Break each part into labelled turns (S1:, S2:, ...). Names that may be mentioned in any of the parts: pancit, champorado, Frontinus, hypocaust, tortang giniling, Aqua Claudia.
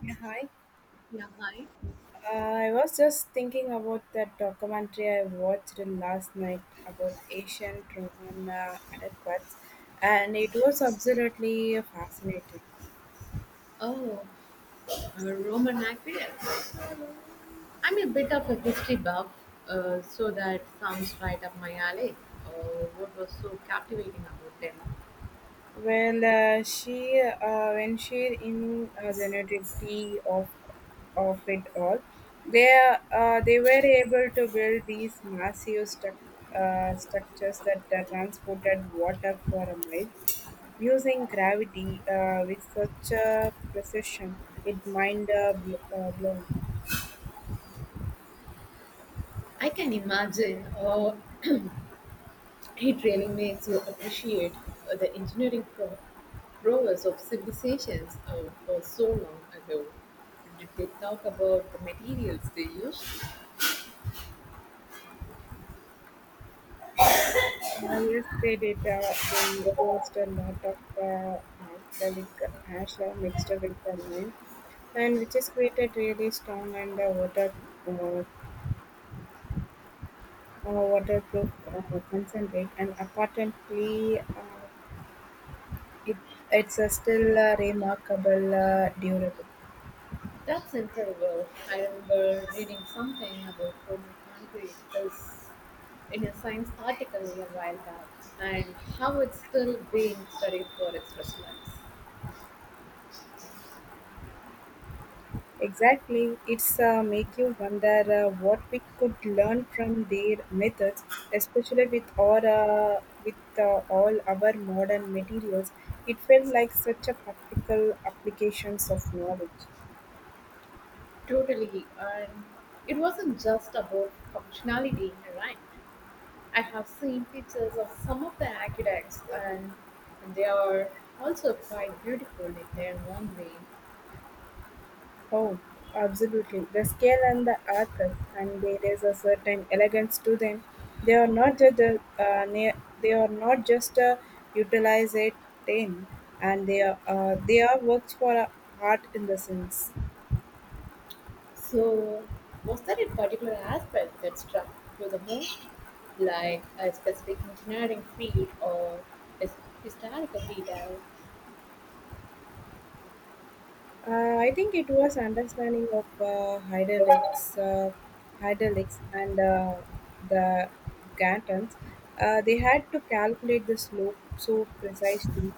S1: Yeah, hi.
S2: Yeah, hi.
S1: I was just thinking about that documentary I watched last night about Asian Roman adequates, and it was absolutely fascinating.
S2: Oh, Roman aqueducts. I'm a bit of a history buff, so that sounds right up my alley. Uh, what was so captivating about them?
S1: Well, she when she in generativity of it all, they were able to build these massive structures that transported water for a mile using gravity with such a precision. It blown.
S2: I can imagine it really makes you appreciate the engineering prowess of civilizations for so long ago. Did they talk about the materials they used?
S1: Yes, they did. They used a lot of alkalic ash mixed with the lime and which is created really strong and uh, waterproof concentrate, and apparently, it it's still remarkable durable.
S2: That's incredible. I remember reading something about Roman concrete is in a science article a while back and how it's still being studied for its resonance.
S1: Exactly, it's make you wonder what we could learn from their methods, especially with our with all our modern materials. It felt like such a practical applications of knowledge.
S2: Totally, and it wasn't just about functionality, right? I have seen pictures of some of the aqueducts and they are also quite beautiful in their own way.
S1: Oh, absolutely. The scale and the archive, and there is a certain elegance to them. They are not just a, uh, ne- they are not just a utilize it thing, and they are works for art in the sense.
S2: So, was there a particular aspect that struck you the most? Like a specific engineering field or a s- historical detail.
S1: I think it was understanding of hydraulics and the Gantons. They had to calculate the slope so precisely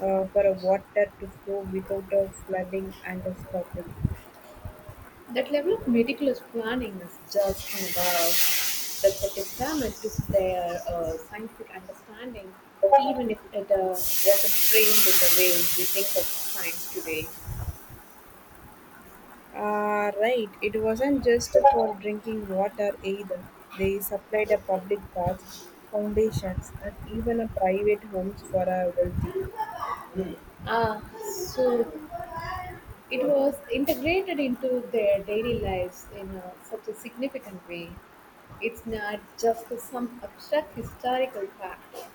S1: for a water to flow without a flooding and a stopping.
S2: That level of meticulous planning is just about. That's a testament to their scientific understanding, even if it wasn't framed in the way we think of science today.
S1: Right, it wasn't just for drinking water either. They supplied a public baths, foundations, and even a private homes for a wealthy.
S2: Ah, so it was integrated into their daily lives in a, such a significant way. It's not just some abstract historical fact.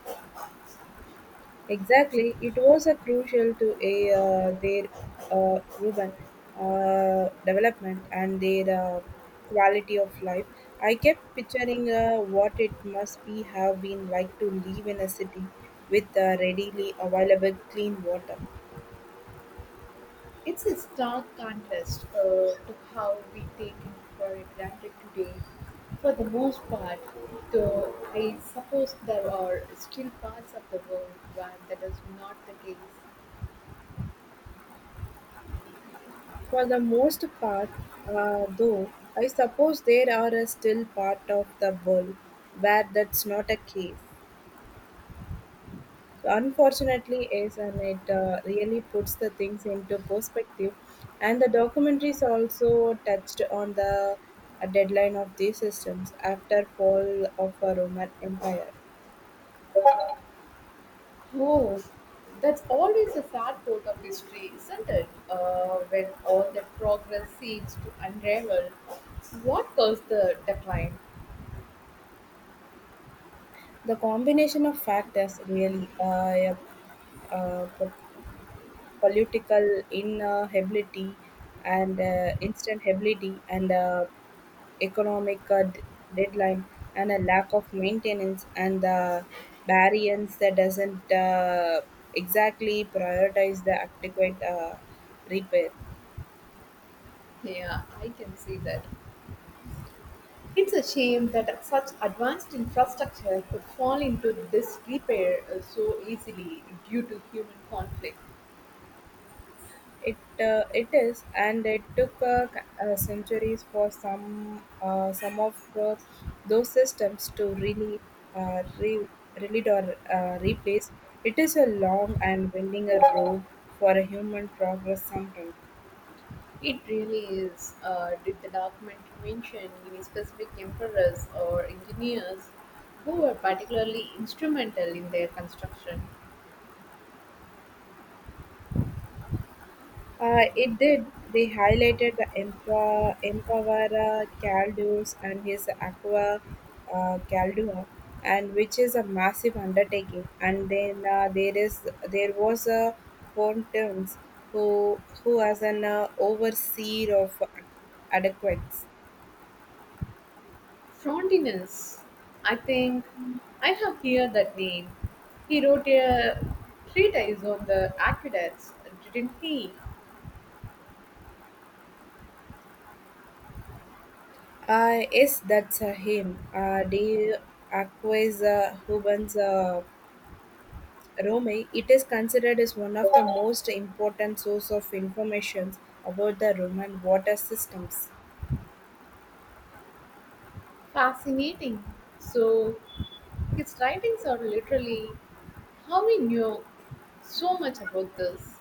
S1: Exactly, it was a crucial to a, their urban development and their uh, quality of life. I kept picturing what it must be have been like to live in a city with readily available clean water.
S2: It's a stark contrast to how we take it for granted today. For the most part, though, I suppose there are still parts of the world where that is not the case.
S1: For the most part, though, I suppose there are a still part of the world where that's not a case. So unfortunately, is, and it really puts the things into perspective. And the documentaries also touched on the deadline of these systems after fall of a Roman Empire.
S2: Oh, that's always a sad part of history, isn't it? When all that progress seems to unravel. What caused the decline?
S1: The combination of factors really, uh, political inability and instability and economic deadline and a lack of maintenance and the variance that doesn't exactly prioritize the adequate repair.
S2: Yeah, I can see that. It's a shame that such advanced infrastructure could fall into disrepair so easily due to human conflict.
S1: It is, and it took centuries for some of the, those systems to really uh, re- relate or replace. It is a long and winding a road for a human progress sometimes.
S2: It really is. Did the document mention any specific emperors or engineers who were particularly instrumental in their construction?
S1: It did. They highlighted the Empa, Empavara Caldus and his Aqua Caldua, and which is a massive undertaking. And then there was a Pontius who was an overseer of adequates.
S2: Frontinus, I think I have heard that name. He wrote a treatise on the aqueducts, didn't he?
S1: Yes, that's him. The Aqua's Hubans. Rome, it is considered as one of the most important source of information about the Roman water systems.
S2: Fascinating. So, his writings are literally how we knew so much about this.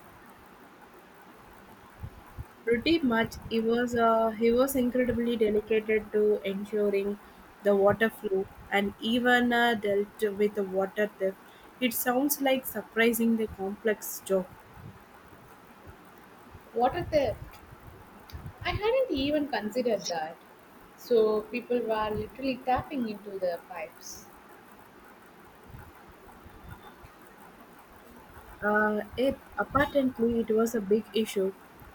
S1: Pretty much, he was incredibly dedicated to ensuring the water flow and even dealt with the water theft. It sounds like surprisingly complex job.
S2: Water theft. I hadn't even considered that. So people were literally tapping into their pipes.
S1: It, apparently, it was a big issue.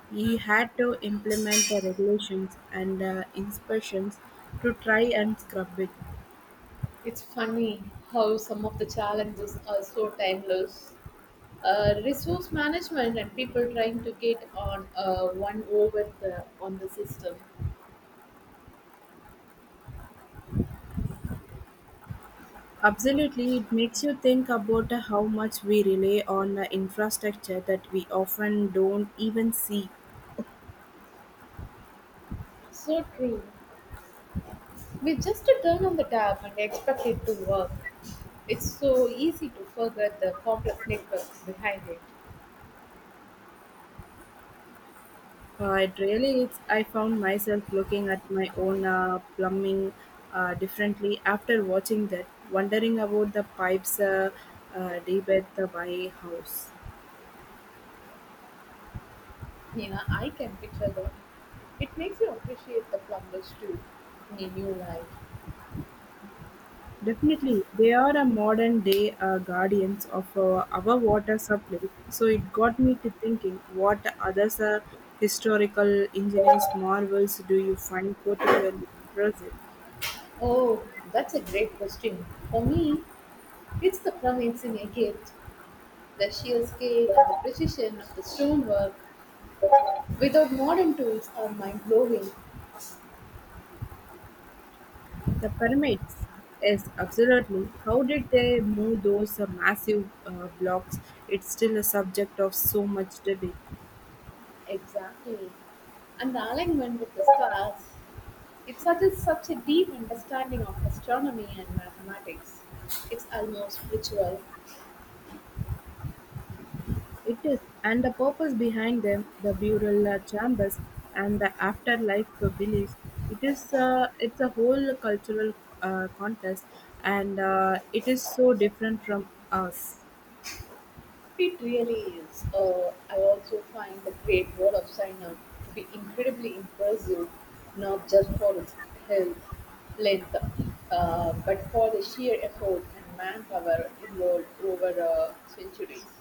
S1: He had to implement the regulations and inspections to try and scrub it.
S2: It's funny how some of the challenges are so timeless. Resource management and people trying to get on one over the, on the system.
S1: Absolutely, it makes you think about how much we rely on the infrastructure that we often don't even see.
S2: So true. We just turn on the tap and expect it to work. It's so easy to forget the complex networks behind it.
S1: It really is. I found myself looking at my own plumbing differently after watching that, wondering about the pipes deep at the my house.
S2: Yeah, I can picture that. It makes you appreciate the plumbers too in a new light.
S1: Definitely, they are a modern day guardians of our water supply. So it got me to thinking, what other historical engineering marvels do you find particularly impressive?
S2: Oh, that's a great question. For me, it's the plumbings in a gift. The sheer scale and the precision of the stonework without modern tools are mind blowing.
S1: The pyramids, yes, absolutely. How did they move those massive blocks? It's still a subject of so much debate.
S2: Exactly. And the alignment with the stars. It suggests such a deep understanding of astronomy and mathematics. It's almost spiritual.
S1: It is, and the purpose behind them, the burial chambers and the afterlife beliefs. It's a whole cultural contest, and it is so different from us.
S2: It really is. I also find the Great Wall of China to be incredibly impressive, not just for its health, length, but for the sheer effort and manpower involved over centuries.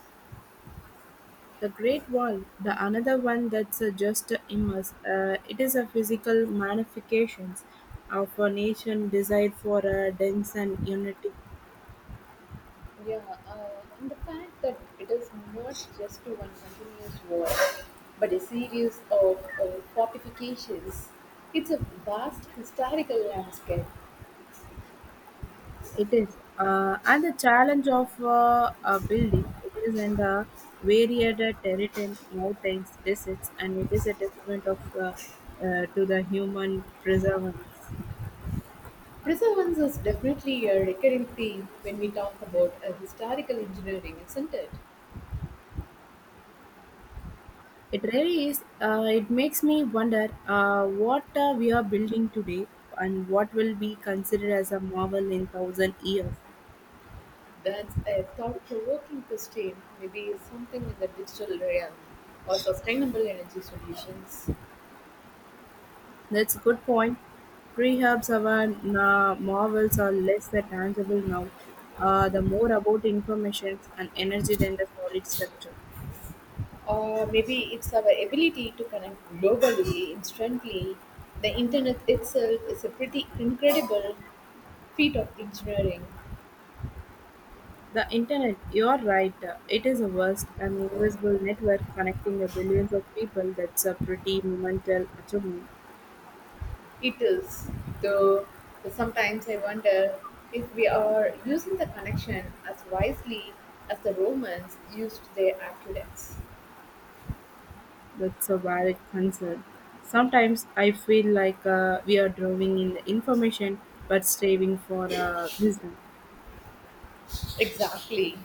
S1: The Great Wall, the another one that's just immense. It is a physical manifestations of a nation desire for a dense and unity.
S2: Yeah, and the fact that it is not just one continuous war, but a series of fortifications. It's a vast historical landscape.
S1: It is, and the challenge of building it is in the varied terrain, mountains, deserts, and it is a testament of to the human perseverance.
S2: Preservance is definitely a recurring theme when we talk about historical engineering, isn't it?
S1: It really is. It makes me wonder what we are building today and what will be considered as a marvel in thousand years.
S2: That's a thought provoking question, maybe something in the digital realm or sustainable energy solutions.
S1: That's a good point. Perhaps our marvels are less than tangible now, the more about information and energy than the solid structure.
S2: Or maybe it's our ability to connect globally instantly. The internet itself is a pretty incredible feat of engineering.
S1: The internet, you are right, it is a vast and invisible network connecting the billions of people. That's a pretty monumental achievement.
S2: It is, though sometimes I wonder if we are using the connection as wisely as the Romans used their aqueducts.
S1: That's a valid concern. Sometimes I feel like we are drowning in the information but striving for wisdom.
S2: Exactly.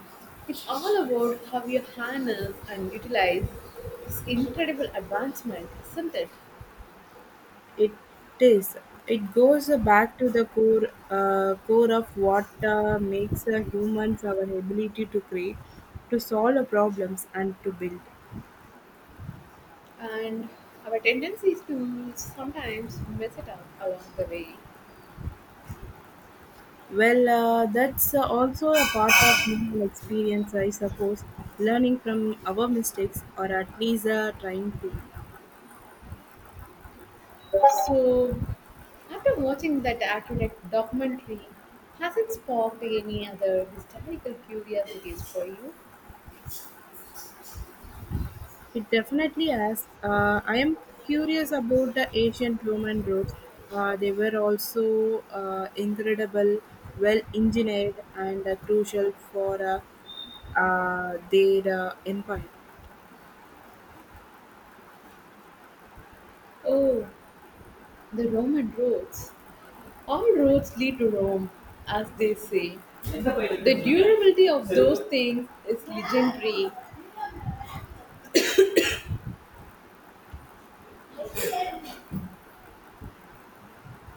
S2: It's all about how you harness and utilize this incredible advancement, isn't it?
S1: It is. It goes back to the core of what makes humans our ability to create, to solve problems, and to build.
S2: And our tendency is to sometimes mess it up along the way.
S1: Well, that's also a part of human experience, I suppose. Learning from our mistakes, or at least trying to.
S2: So, after watching that accurate documentary, has it sparked any other historical curiosities for you?
S1: It definitely has. I am curious about the ancient Roman roads. They were also incredible, well engineered, and crucial for their empire.
S2: Oh, the Roman roads. All roads lead to Rome, as they say. The durability of those things is legendary.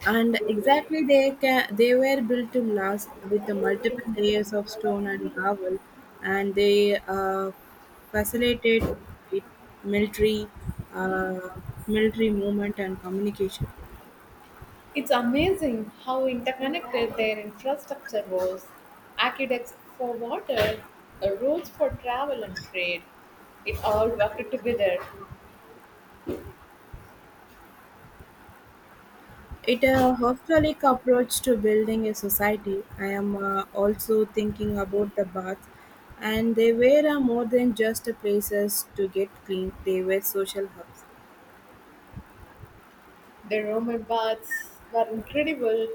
S1: And exactly, they can, they were built to last with the multiple layers of stone and gravel, and they facilitated military uh, military movement and communication.
S2: It's amazing how interconnected their infrastructure was. Aqueducts for water, roads for travel and trade. It all worked together.
S1: It a holistic approach to building a society. I am also thinking about the baths, and they were more than just places to get clean. They were social hubs.
S2: The Roman baths were incredible.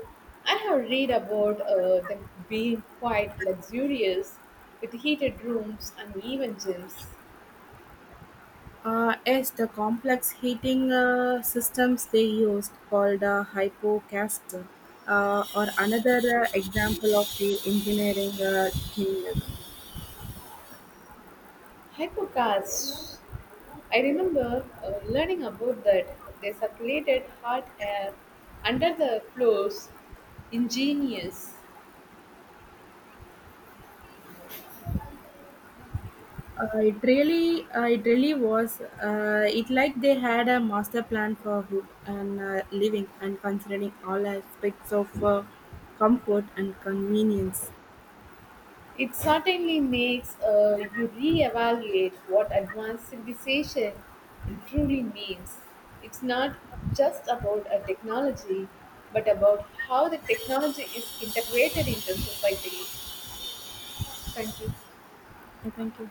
S2: I have read about them being quite luxurious with heated rooms and even gyms.
S1: Yes, the complex heating systems they used, called hypocast, or another example of the engineering genius.
S2: Hypercars I remember learning about that they circulated hot air under the floors. Ingenious.
S1: Uh, it really was. It like they had a master plan for food and living, and considering all aspects of comfort and convenience.
S2: It certainly makes you reevaluate what advanced civilization truly means. It's not just about a technology, but about how the technology is integrated into society. Thank you.
S1: Yeah, thank you.